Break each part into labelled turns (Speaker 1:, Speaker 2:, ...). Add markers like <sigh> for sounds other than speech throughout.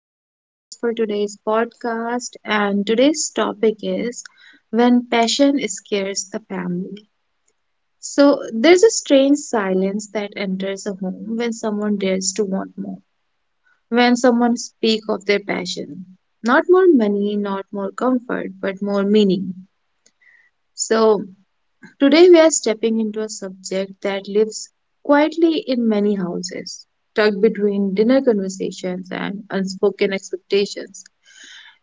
Speaker 1: I'm your host for today's podcast, and today's topic is When Passion Scares the Family. So, there's a strange silence that enters a home when someone dares to want more, when someone speaks of their passion. Not more money, not more comfort, but more meaning. So, today, we are stepping into a subject that lives quietly in many houses, tucked between dinner conversations and unspoken expectations.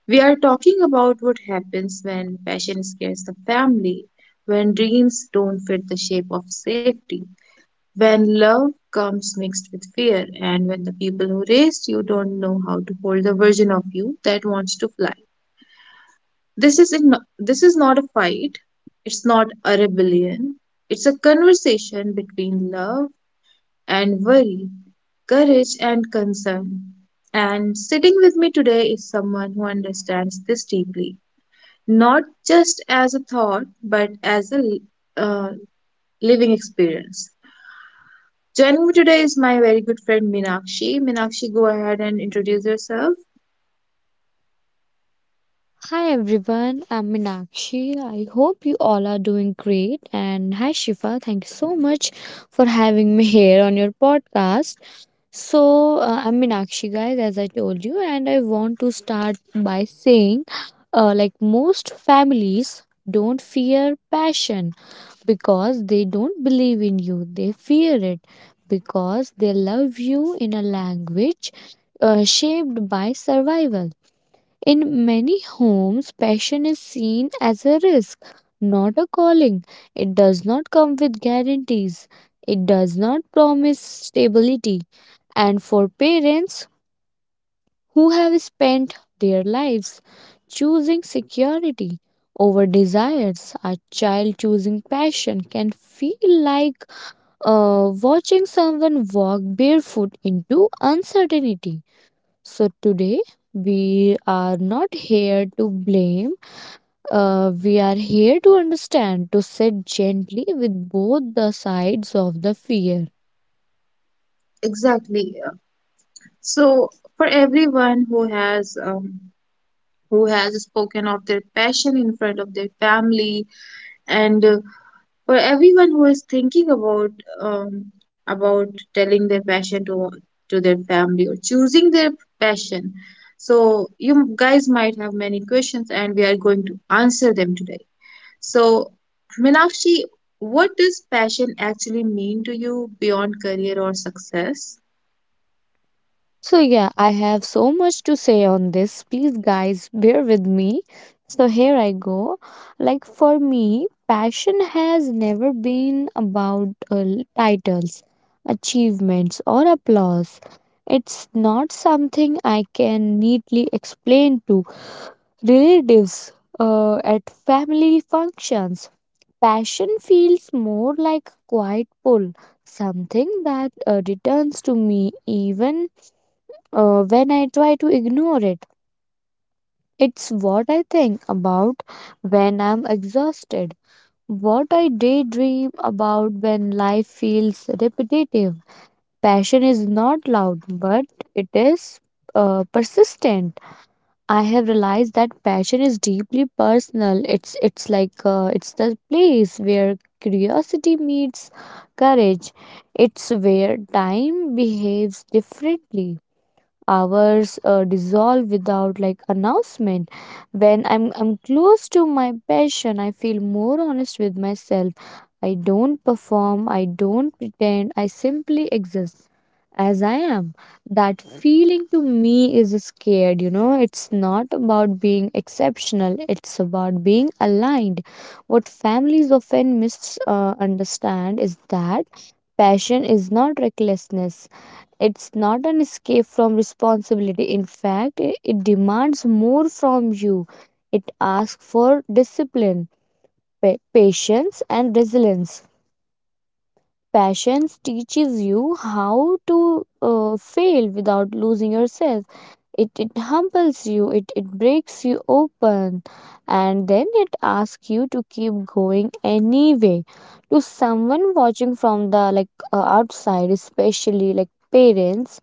Speaker 1: We are talking about what happens when passion scares the family, when dreams don't fit the shape of safety, when love comes mixed with fear, and when the people who raised you don't know how to hold the version of you that wants to fly. This is not a fight. It's not a rebellion. It's a conversation between love and worry, courage and concern. And sitting with me today is someone who understands this deeply, not just as a thought, but as a uh, living experience. Joining me today is my very good friend Minakshi. Minakshi, go ahead and introduce yourself.
Speaker 2: Hi everyone, I'm Meenakshi. I hope you all are doing great. And hi Shifa, thank you so much for having me here on your podcast. I'm Meenakshi, guys, as I told you, and I want to start by saying like most families don't fear passion because they don't believe in you, they fear it because they love you in a language shaped by survival. In many homes, passion is seen as a risk, not a calling. It does not come with guarantees. It does not promise stability. And for parents who have spent their lives choosing security over desires, a child choosing passion can feel like watching someone walk barefoot into uncertainty. So today, we are not here to blame, we are here to understand, to sit gently with both the sides of the fear.
Speaker 1: Exactly. So, for everyone who has who has spoken of their passion in front of their family and for everyone who is thinking about um, about telling their passion to their family or choosing their passion, so you guys might have many questions and we are going to answer them today. So, Minakshi, what does passion actually mean to you beyond career or success?
Speaker 2: So, yeah, I have so much to say on this. Please, guys, bear with me. So, here I go. Like, for me, passion has never been about titles, achievements, or applause. It's not something I can neatly explain to relatives at family functions. Passion feels more like a quiet pull, something that returns to me even when I try to ignore it. It's what I think about when I'm exhausted, what I daydream about when life feels repetitive. Passion is not loud, but it is persistent. I have realized that passion is deeply personal. It's like it's the place where curiosity meets courage. It's where time behaves differently. Hours dissolve without like announcement. When I'm close to my passion, I feel more honest with myself. I don't perform, I don't pretend, I simply exist as I am. That feeling to me is scared, you know. It's not about being exceptional, it's about being aligned. What families often misunderstand is that passion is not recklessness, it's not an escape from responsibility. In fact, it demands more from you. It asks for discipline, patience, and resilience. Passions teaches you how to fail without losing yourself. It humbles you, it breaks you open, and then it asks you to keep going anyway. To someone watching from the like outside, especially like parents,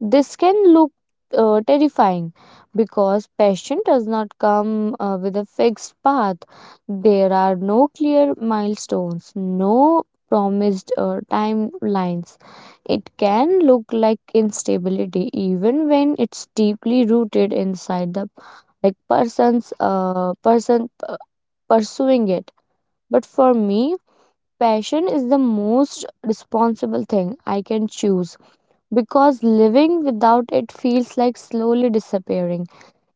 Speaker 2: this can look terrifying because passion does not come with a fixed path. There are no clear milestones, no promised timelines. It can look like instability even when it's deeply rooted inside the like person pursuing it. But for me, passion is the most responsible thing I can choose because living without it feels like slowly disappearing.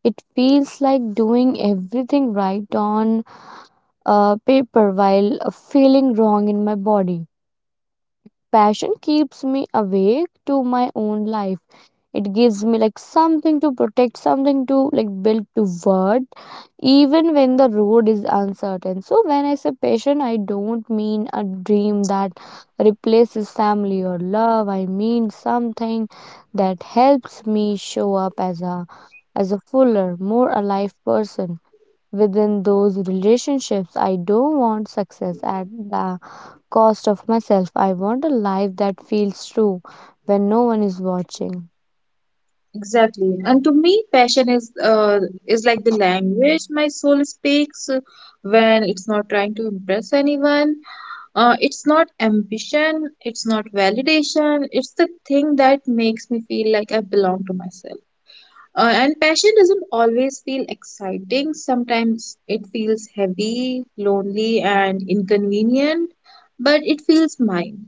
Speaker 2: It feels like doing everything right on paper while feeling wrong in my body. Passion keeps me awake to my own life. It gives me like something to protect, something to like build toward, even when the road is uncertain. So when I say passion, I don't mean a dream that replaces family or love. I mean something that helps me show up as a fuller, more alive person within those relationships. I don't want success at the cost of myself. I want a life that feels true when no one is watching.
Speaker 1: Exactly. And to me, passion is like the language my soul speaks when it's not trying to impress anyone. It's not ambition, it's not validation, it's the thing that makes me feel like I belong to myself. And passion doesn't always feel exciting. Sometimes it feels heavy, lonely, and inconvenient, but it feels mine.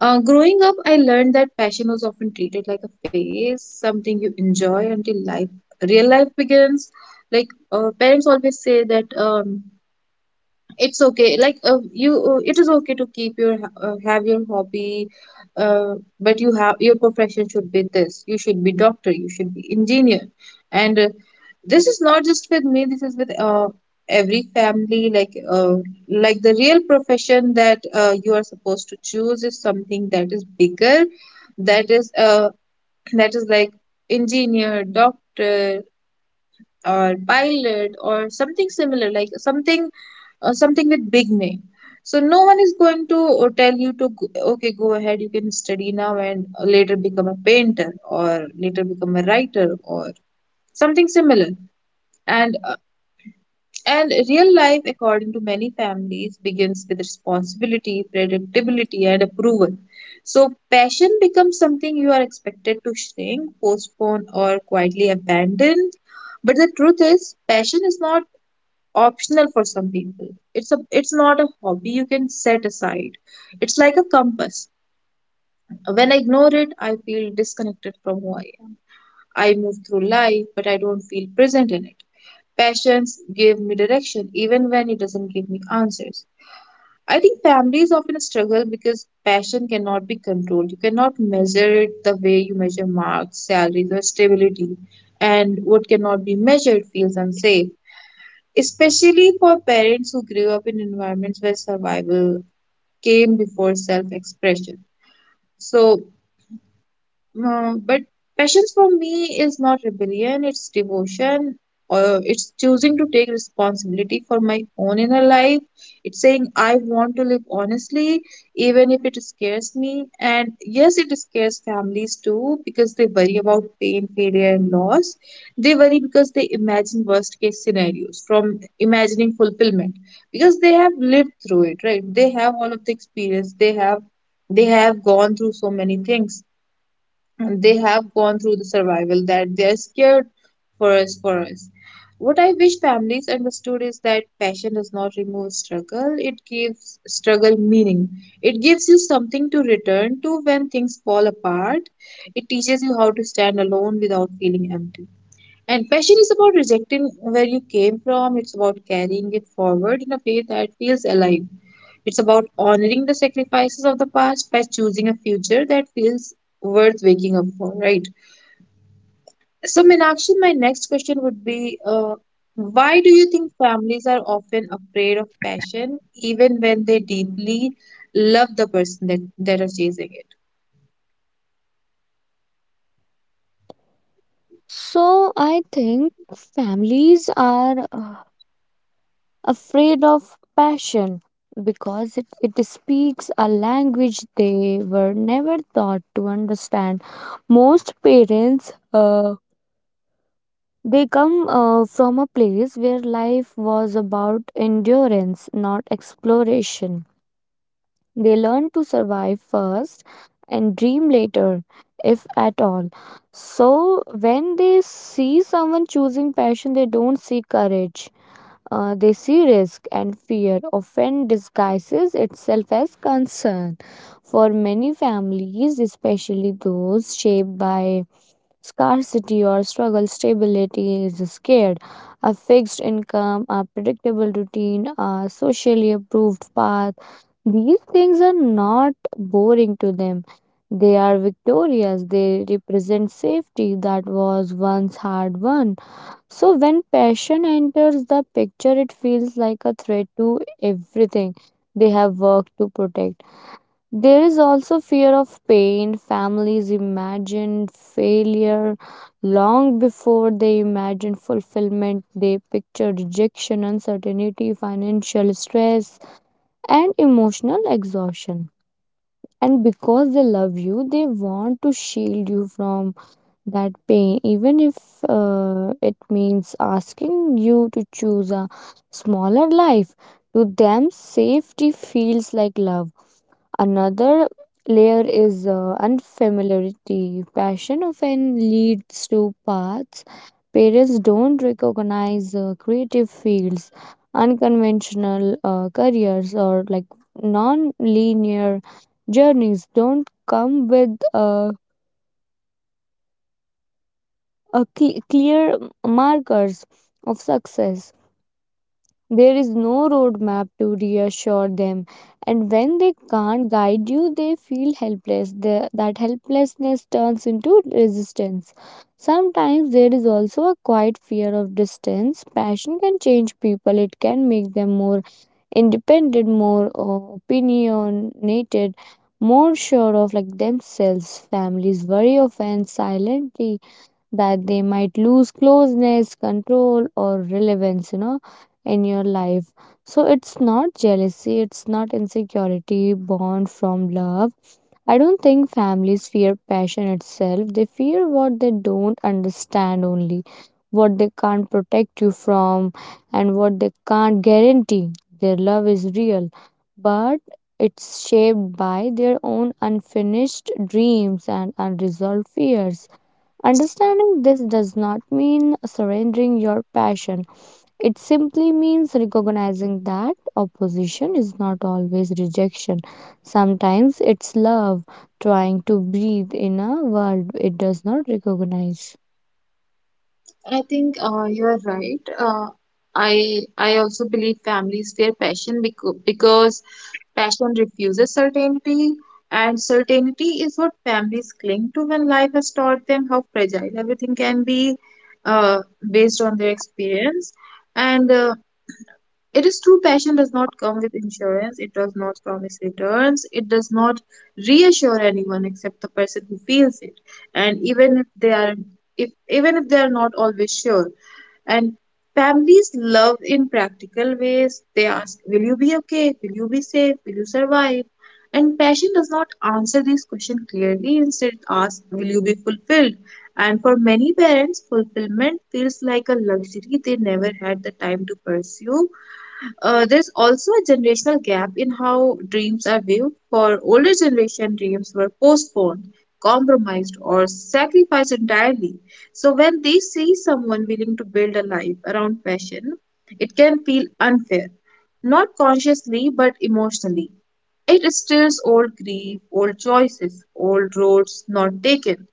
Speaker 1: Growing up, I learned that passion was often treated like a phase, something you enjoy until life, real life begins. Like parents always say that it's okay, like you it is okay to keep your have your hobby, uh, but you have your profession should be this, you should be doctor, you should be engineer. And this is not just with me, this is with every family, like the real profession that you are supposed to choose is something that is bigger, that is <clears throat> that is like engineer, doctor, or pilot, or something similar, like something something with big name. So no one is going to tell you to okay, go ahead, you can study now and later become a painter or later become a writer or something similar. And uh, and real life, according to many families, begins with responsibility, predictability, and approval. So passion becomes something you are expected to shrink, postpone, or quietly abandon. But the truth is, passion is not optional for some people. It's not a hobby you can set aside, it's like a compass. When I ignore it, I feel disconnected from who I am. I move through life, but I don't feel present in it. Passions give me direction even when it doesn't give me answers. I think families often struggle because passion cannot be controlled. You cannot measure it the way you measure marks, salaries, or stability, and what cannot be measured feels unsafe, especially for parents who grew up in environments where survival came before self expression. So, but passions for me is not rebellion, it's devotion. Or it's choosing to take responsibility for my own inner life. It's saying I want to live honestly, even if it scares me. And yes, it scares families too because they worry about pain, failure, and loss. They worry because they imagine worst case scenarios from imagining fulfillment because they have lived through it, right? They have all of the experience. They have gone through so many things, they have gone through the survival, that they are scared for us. What I wish families understood is that passion does not remove struggle, it gives struggle meaning. It gives you something to return to when things fall apart. It teaches you how to stand alone without feeling empty. And passion is about rejecting where you came from, it's about carrying it forward in a way that feels alive. It's about honoring the sacrifices of the past by choosing a future that feels worth waking up for, right? So, Meenakshi, my next question would be why do you think families are often afraid of passion even when they deeply love the person that are chasing it?
Speaker 2: So I think families are afraid of passion because it speaks a language they were never taught to understand. Most parents they come from a place where about endurance, not exploration. They learn to survive first and dream later, if at all. So, when they see someone choosing passion, they don't see courage. They see risk. Fear often disguises itself as concern. For many families, especially those shaped by scarcity or struggle, stability is scared. A fixed income, a predictable routine, a socially approved path, these things are not boring to them. They are victorious. They represent safety that was once hard won. So, when passion enters the picture, it feels like a threat to everything they have worked to protect. There is also fear of pain. Families imagine failure long before they imagine fulfillment. They picture rejection, uncertainty, financial stress, and emotional exhaustion. And because they love you, they want to shield you from that pain, even if it means asking you to choose a smaller life. To them, safety feels like love. Another layer is unfamiliarity. Passion often leads to paths parents don't recognize. Creative fields, unconventional careers, or like non linear journeys don't come with a cle clear markers of success. There is no roadmap to reassure them. And when they can't guide you, they feel helpless. That helplessness turns into resistance. Sometimes there is also a quiet fear of distance. Passion can change people, it can make them more independent, more opinionated, more sure of like themselves. Families very often silently that they might lose closeness, control, or relevance, you know, in your life. So it's not jealousy, it's not insecurity born from love. I don't think families fear passion itself, they fear what they don't understand only, what they can't protect you from, and what they can't guarantee. Their love is real, but it's shaped by their own unfinished dreams and unresolved fears. Understanding this does not mean surrendering your passion. It simply means recognizing that opposition is not always rejection. Sometimes it's love, trying to breathe in a world it does not recognize.
Speaker 1: I think you are right. I also believe families fear passion because passion refuses certainty, and certainty is what families cling to when life has taught them how fragile everything can be, uh, based on their experience. And it is true, passion does not come with insurance. It does not promise returns. It does not reassure anyone except the person who feels it. And even if they are not always sure, and families love in practical ways. They ask, will you be okay? Will you be safe? Will you survive? And passion does not answer these questions clearly. Instead, it asks, will you be fulfilled? And for many parents, fulfillment feels like a luxury they never had the time to pursue. There's also a generational gap in how dreams are viewed. For older generation, dreams were postponed, compromised, or sacrificed entirely. So when they see someone willing to build a life around passion, it can feel unfair, not consciously but emotionally. It stirs old grief, old choices, old roads not taken.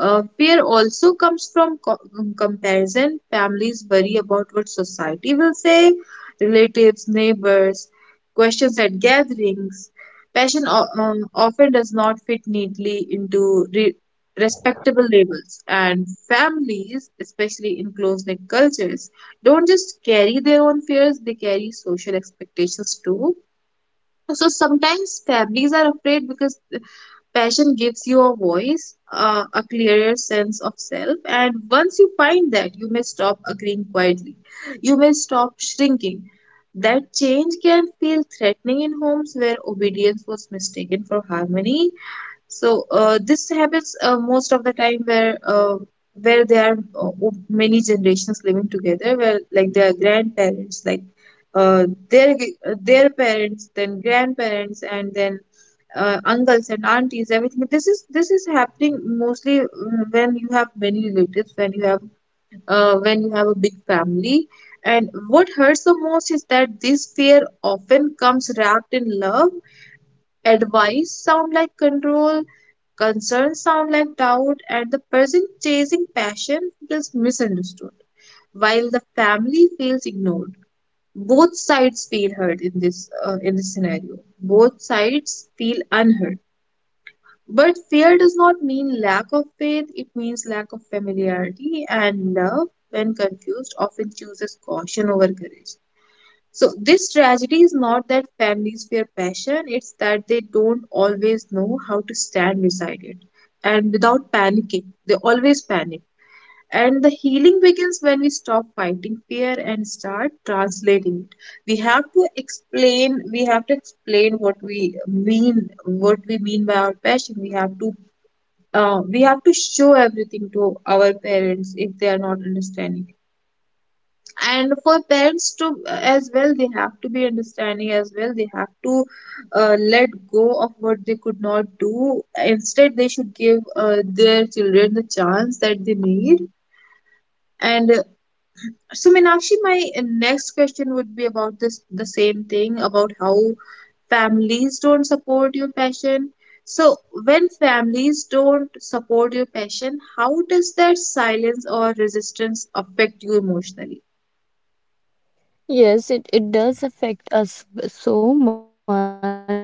Speaker 1: Fear also comes from comparison. Families worry about what society will say, relatives, neighbors, questions at gatherings. Passion often does not fit neatly into respectable labels, and families, especially in close-knit cultures, don't just carry their own fears; they carry social expectations too. So sometimes families are afraid because passion gives you a voice, a clearer sense of self, and once you find that, you may stop agreeing quietly. You may stop shrinking. That change can feel threatening in homes where obedience was mistaken for harmony. So this happens most of the time where there are many generations living together, where like their grandparents, like uh, their their parents, then grandparents, and then uncles and aunties, everything. This is happening mostly, when you have many relatives, when you have a big family. And what hurts the most is that this fear often comes wrapped in love. Advice sound like control, concerns sound like doubt, and the person chasing passion feels misunderstood, while the family feels ignored. Both sides feel hurt in this scenario. Both sides feel unheard. But fear does not mean lack of faith, it means lack of familiarity, and love, when confused, often chooses caution over courage. So, this tragedy is not that families fear passion, it's that they don't always know how to stand beside it. And without panicking, they always panic. And the healing begins when we stop fighting fear and start translating it. We have to explain what we mean by our passion. We have to show everything to our parents if they are not understanding. And for parents to as well, they have to be understanding as well. They have to let go of what they could not do. Instead, they should give their children the chance that they need. And so, Meenakshi, my next question would be about this, the same thing about how families don't support your passion. So, when families don't support your passion, how does that silence or resistance affect you emotionally?
Speaker 2: Yes, it does affect us so much, uh,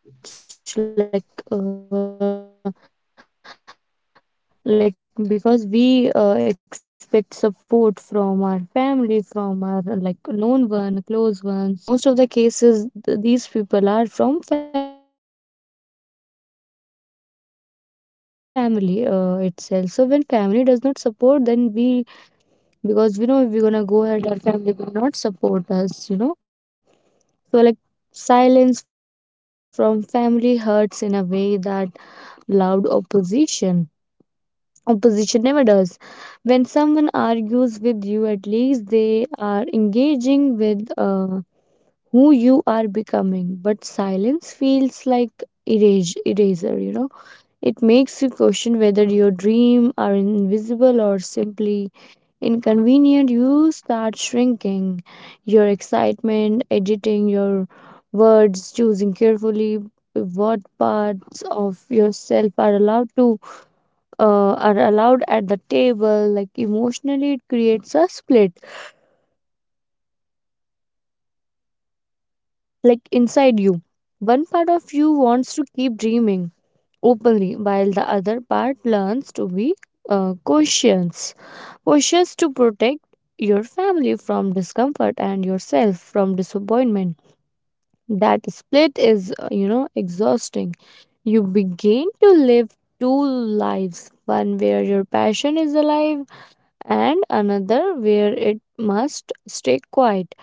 Speaker 2: like because we expect support from our family, from our like known one, close ones, like from our loved ones especially, and in most of the cases these people are from family itself. So when family does not support, then we like we like, you know, shatter there only, because we know if we're gonna go ahead, our family will not support us, you know. So like, silence from family hurts in a way that loud opposition never does. When someone argues with you, at least they are engaging with who you are becoming. But silence feels like eraser, you know. It makes you question whether your dream are invisible or simply. You start shrinking your excitement, editing your words, choosing carefully what parts of yourself are allowed to are allowed at the table. Like emotionally, it creates a split like inside you. One part of you wants to keep dreaming openly, while the other part learns to be uh, cautious, cautious to protect your family from discomfort and yourself from disappointment. That split is, you know, exhausting. You begin to live two lives, one where your passion is alive, and another where it must stay quiet.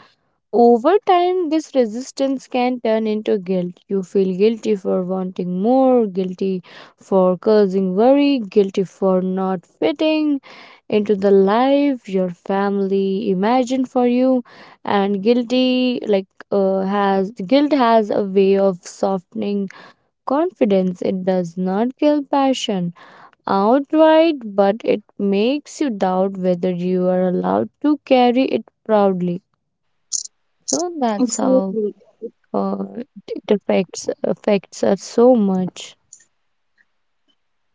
Speaker 2: Over time, this resistance can turn into guilt. You feel guilty for wanting more, guilty for causing worry, guilty for not fitting into the life your family imagined for you, and guilty like has guilt has a way of softening confidence. It does not kill passion outright, but it makes you doubt whether you are allowed to carry it proudly. So that's how
Speaker 1: Exactly.
Speaker 2: uh, it affects us so much.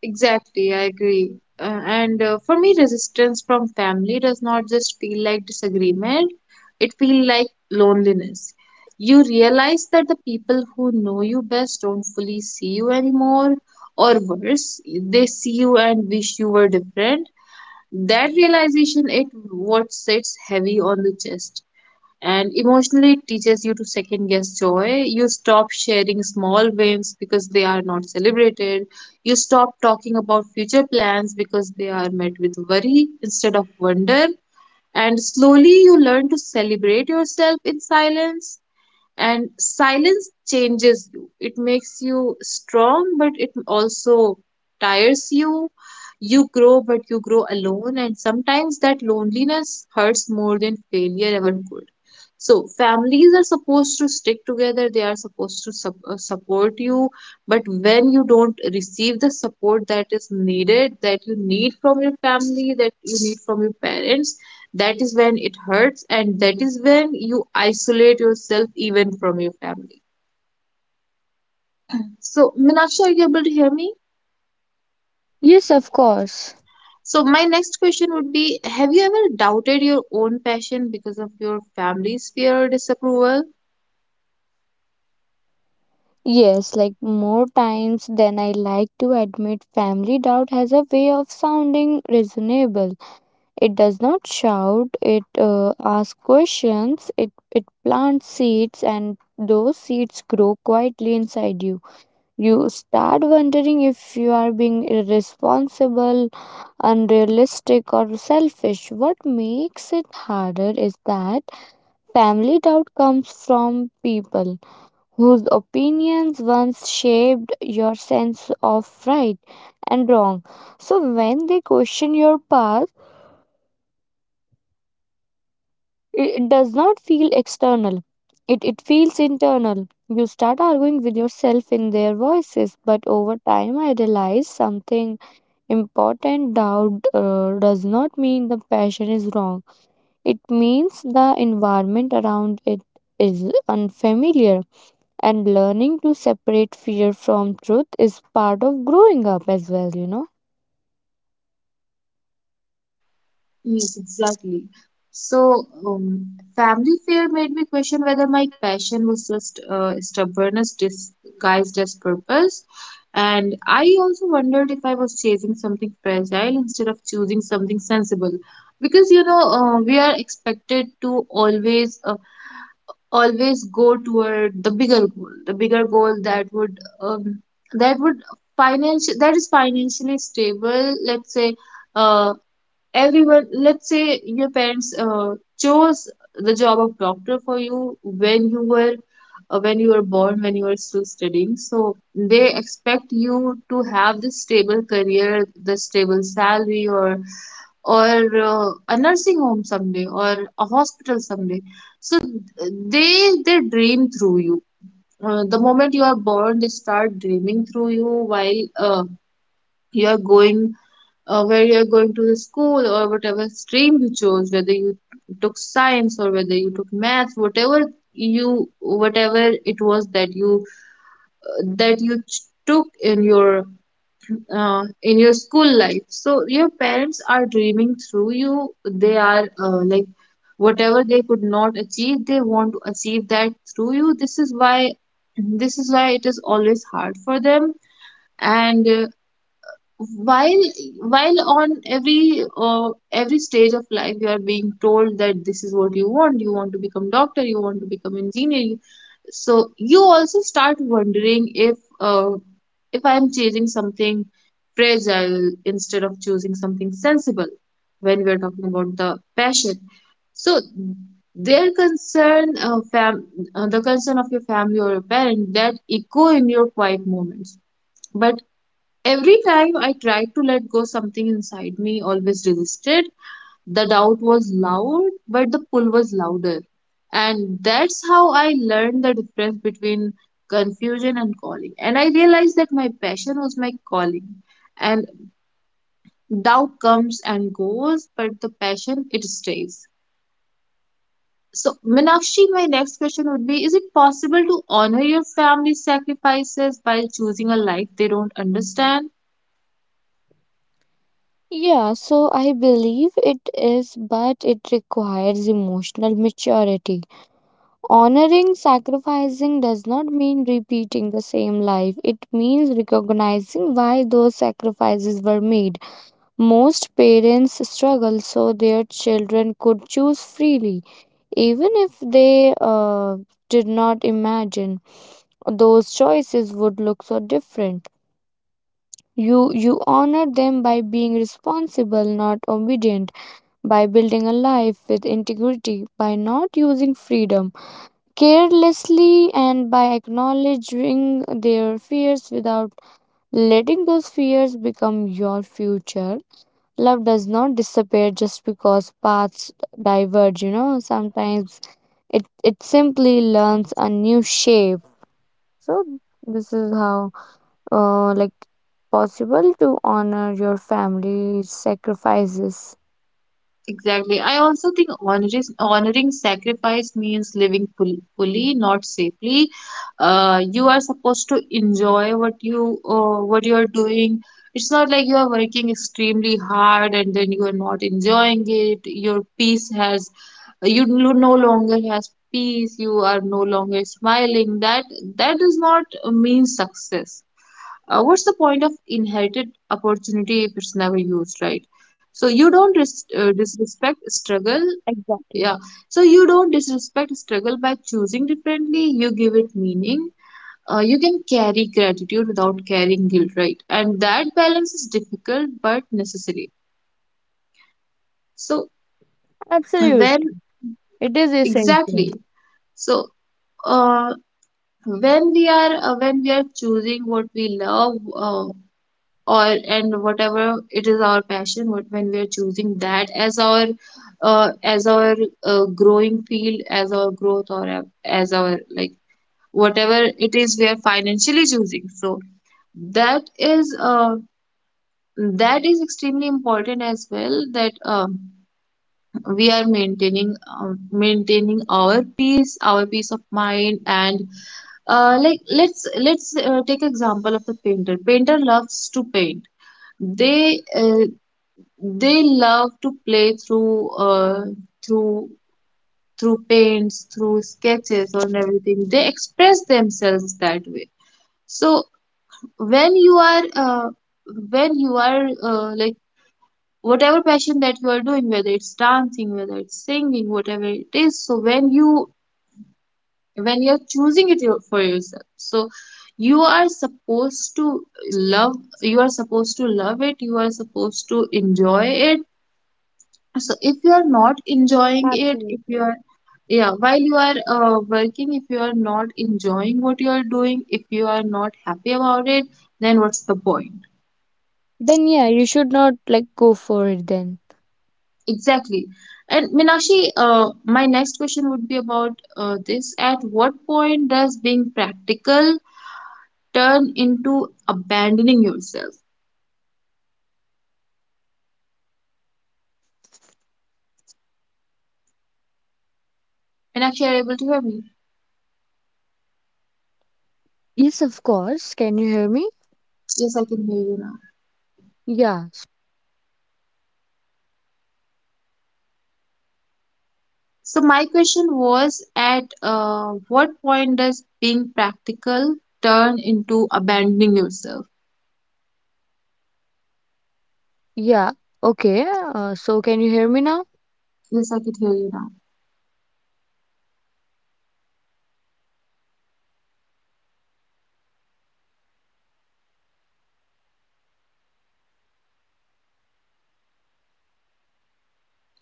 Speaker 1: Exactly, I agree. And for me, resistance from family does not just feel like disagreement, it feels like loneliness. You realize that the people who know you best don't fully see you anymore, or worse, they see you and wish you were different. That realization it what sits heavy on the chest. And emotionally it teaches you to second guess joy. You stop sharing small wins because they are not celebrated. You stop talking about future plans because they are met with worry instead of wonder. And slowly you learn to celebrate yourself in silence, and silence changes you. It makes you strong, but it also tires you. You grow, but you grow alone, and sometimes that loneliness hurts more than failure ever could. So families are supposed to stick together. They are supposed to support you. But when you don't receive the support that is needed, that you need from your family, that you need from your parents, that is when it hurts, and that is when you isolate yourself even from your family. So Meenakshi, are you able to hear me?
Speaker 2: Yes, of course.
Speaker 1: So my next question would be, have you ever doubted your own passion because of your family's fear or disapproval?
Speaker 2: Yes, like more times than I like to admit, family doubt has a way of sounding reasonable. It does not shout, it asks questions, it plants seeds, and those seeds grow quietly inside you. You start wondering if you are being irresponsible, unrealistic, or selfish. What makes it harder is that family doubt comes from people whose opinions once shaped your sense right and wrong. So when they question your path, it does not feel external. It feels internal. You start arguing with yourself in their voices, but over time I realized something important. Doubt does not mean the passion is wrong. It means the environment around it is unfamiliar, and learning to separate fear from truth is part of growing up as well, you know.
Speaker 1: Yes, exactly. So, family fear made me question whether my passion was just stubbornness disguised as purpose. And I also wondered if I was chasing something fragile instead of choosing something sensible. Because, you know, we are expected to always, always go toward the bigger goal that would financial, that is financially stable, let's say, uh, everyone, let's say your parents chose the job of doctor for you when you were born, when you were still studying. So they expect you to have this stable career, the stable salary, or or a nursing home someday, or a hospital someday. So they dream through you. The moment you are born, they start dreaming through you, while you are going, where you're going to the school, or whatever stream you chose, whether you took science or whether you took math, whatever you whatever it was that you took in your school life. So your parents are dreaming through you. They are like, whatever they could not achieve, they want to achieve that through you. This is why, this is why it is always hard for them. And while while on every stage of life you are being told that this is what you want. You want to become doctor, you want to become engineer, you- so you also start wondering uh, if I am chasing something fragile instead of choosing something sensible when we are talking about the passion. So their concern, the concern of your family or your parent, that echo in your quiet moments. But every time I tried to let go, something inside me always resisted. The doubt was loud, but the pull was louder. And that's how I learned the difference between confusion and calling. And I realized that my passion was my calling. And doubt comes and goes, but the passion, it stays. So, Minakshi, my next question would be, is it possible to honor your family sacrifices by choosing a life they don't understand?
Speaker 2: Yeah, so I believe it is, but it requires emotional maturity. Honoring sacrificing does not mean repeating the same life, it means recognizing why those sacrifices were made. Most parents struggle so their children could choose freely, even if they did not imagine those choices would look so different. You honor them by being responsible, not obedient, by building a life with integrity, by not using freedom carelessly, and by acknowledging their fears without letting those fears become your future. Love does not disappear just because paths diverge, you know, sometimes it simply learns a new shape. So this is how like possible to honor your family's sacrifices.
Speaker 1: Exactly. I also think honoring sacrifice means living fully, not safely. You are supposed to enjoy what you are doing. It's not like you are working extremely hard and then you are not enjoying it. Your peace has you no longer has peace. You are no longer smiling. That, that does not mean success. What's the point of inherited opportunity if it's never used right? So you don't
Speaker 2: Exactly.
Speaker 1: disrespect struggle. Yeah, so you don't disrespect struggle by choosing differently, you give it meaning. Uh, you can carry gratitude without carrying guilt, right? And that balance is difficult but necessary. So
Speaker 2: Absolutely. It is
Speaker 1: when,
Speaker 2: essential.
Speaker 1: exactly, so uh, when we are choosing what we love, or and whatever it is, our passion, what when we are choosing that as our uh, as our growing field, as our growth, or as our, like, whatever it is, we are financially choosing, so that is uh, that is extremely important as well, that we are maintaining, maintaining our peace, our peace of mind. And like, let's take example of the painter. Painter loves to paint. They they love to play through through through paints, through sketches and everything. They express themselves that way. So when you are when you are, like, whatever passion that you are doing, whether it's dancing, whether it's singing, whatever it is, so when you, when you're choosing it your- for yourself, so you are supposed to love, you are supposed to love it, you are supposed to enjoy it. So if you are not enjoying it, if you
Speaker 2: Absolutely.
Speaker 1: are, yeah, while you are working, if you are not enjoying what you are doing, if you are not happy about it, then what's the point?
Speaker 2: Then yeah, you should not like go for it then.
Speaker 1: Exactly. And Minashi, my next question would be about this, at what point does being practical turn into abandoning yourself? Minashi, are you able to hear me?
Speaker 2: Yes, of course. Can you hear me?
Speaker 1: Yes, I can hear you.
Speaker 2: Yeah.
Speaker 1: So my question was, at what point does being practical turn into abandoning yourself?
Speaker 2: Yeah. Okay. So can you hear me now?
Speaker 1: Yes, I could hear you now.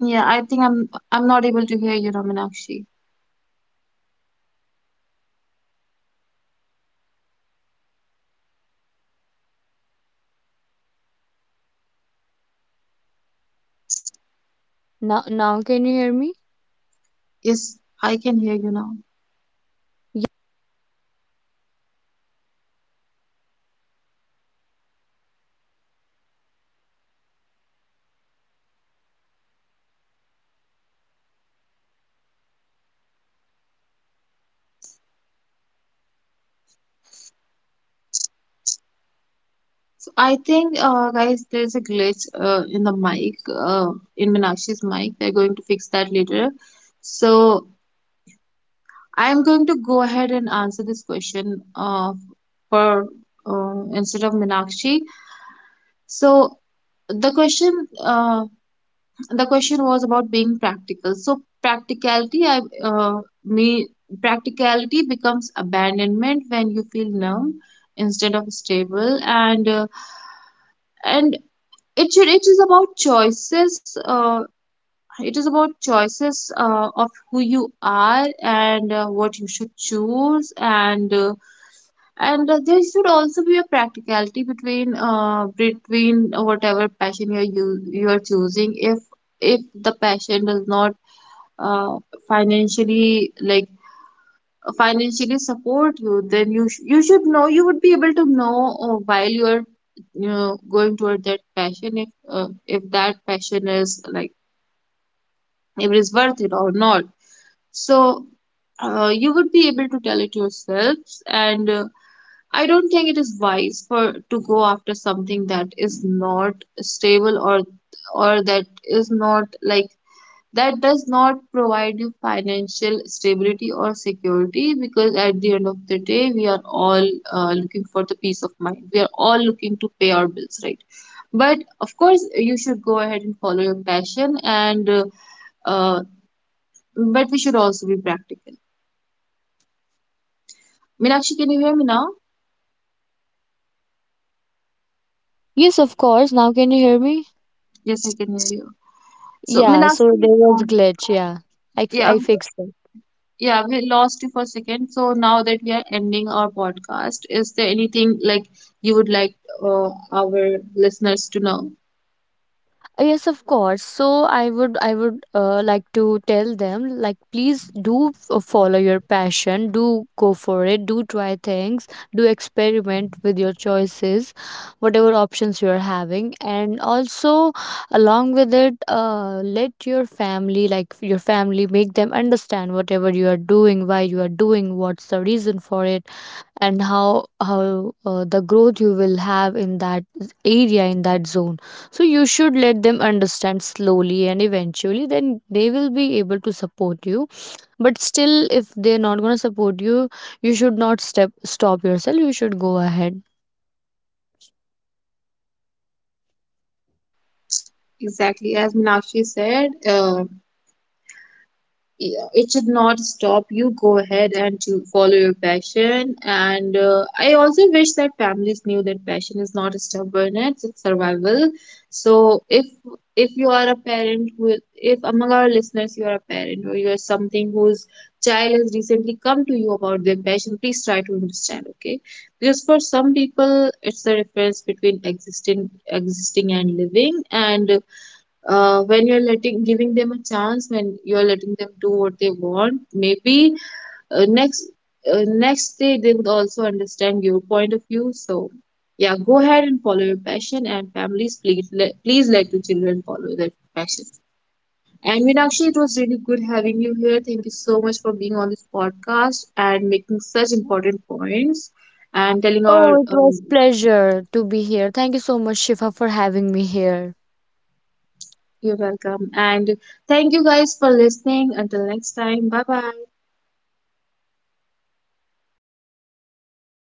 Speaker 1: Yeah, I think I'm not able to hear you now, Meenakshi.
Speaker 2: Now now can you hear me?
Speaker 1: Yes, I can hear you now.
Speaker 2: Yeah.
Speaker 1: So I think, guys, there's a glitch in the mic, in Meenakshi's mic. They are going to fix that later. So I'm going to go ahead and answer this question, for instead of Meenakshi. So the question, the question was about being practical. So practicality, I me practicality becomes abandonment when you feel numb instead of stable. And and it should, it is about choices, of who you are and what you should choose. And there should also be a practicality between between whatever passion you, you're choosing. If the passion does not uh, financially, like, financially support you, then you you should know, you would be able to know, while you're, you know, going toward that passion, if that passion is, like, if it is worth it or not. So you would be able to tell it yourselves. And I don't think it is wise for to go after something that is not stable, or that is not, like, that does not provide you financial stability or security, because at the end of the day we are all looking for the peace of mind, we are all looking to pay our bills, right? But of course you should go ahead and follow your passion. And uh, but we should also be practical. Minakshi, can you hear me now?
Speaker 2: Yes, of course. Now can you hear me?
Speaker 1: Yes, I can hear you. So
Speaker 2: Yeah, so
Speaker 1: Minakshi,
Speaker 2: there was glitch, yeah.
Speaker 1: yeah,
Speaker 2: I fixed it.
Speaker 1: yeah, we lost you for a second. So now that we are ending our podcast, is there anything, like, you would like our listeners to know?
Speaker 2: Yes of course, so I would, like to tell them, like, please do follow your passion, do go for it, do try things, do experiment with your choices, whatever options you are having. And also along with it, let your family, like your family, make them understand whatever you are doing, why you are doing, what's the reason for it, and how the growth you will have in that area, in that zone. So you should let them understand slowly, and eventually then they will be able to support you. But still, if they're not going to support you, you should not step stop yourself, you should go ahead.
Speaker 1: Exactly, as Meenakshi said. Yeah, it should not stop you. Go ahead and to follow your passion. And I also wish that families knew that passion is not stubbornness; it's survival. So if you are a parent who, if among our listeners you are a parent, or you are something whose child has recently come to you about their passion, please try to understand. Okay, because for some people it's the difference between existing and living. And when you're letting, giving them a chance, when you're letting them do what they want, maybe uh, next next day they would also understand your point of view. So yeah, go ahead and follow your passion. And families, please please let your children follow their passion. And Meenakshi, it was really good having you here. Thank you so much for being on this podcast and making such important points, and telling our
Speaker 2: Oh, it was pleasure to be here, thank you so much Shifa for having me here.
Speaker 1: you're welcome. And thank you guys for listening. Until next time, bye bye.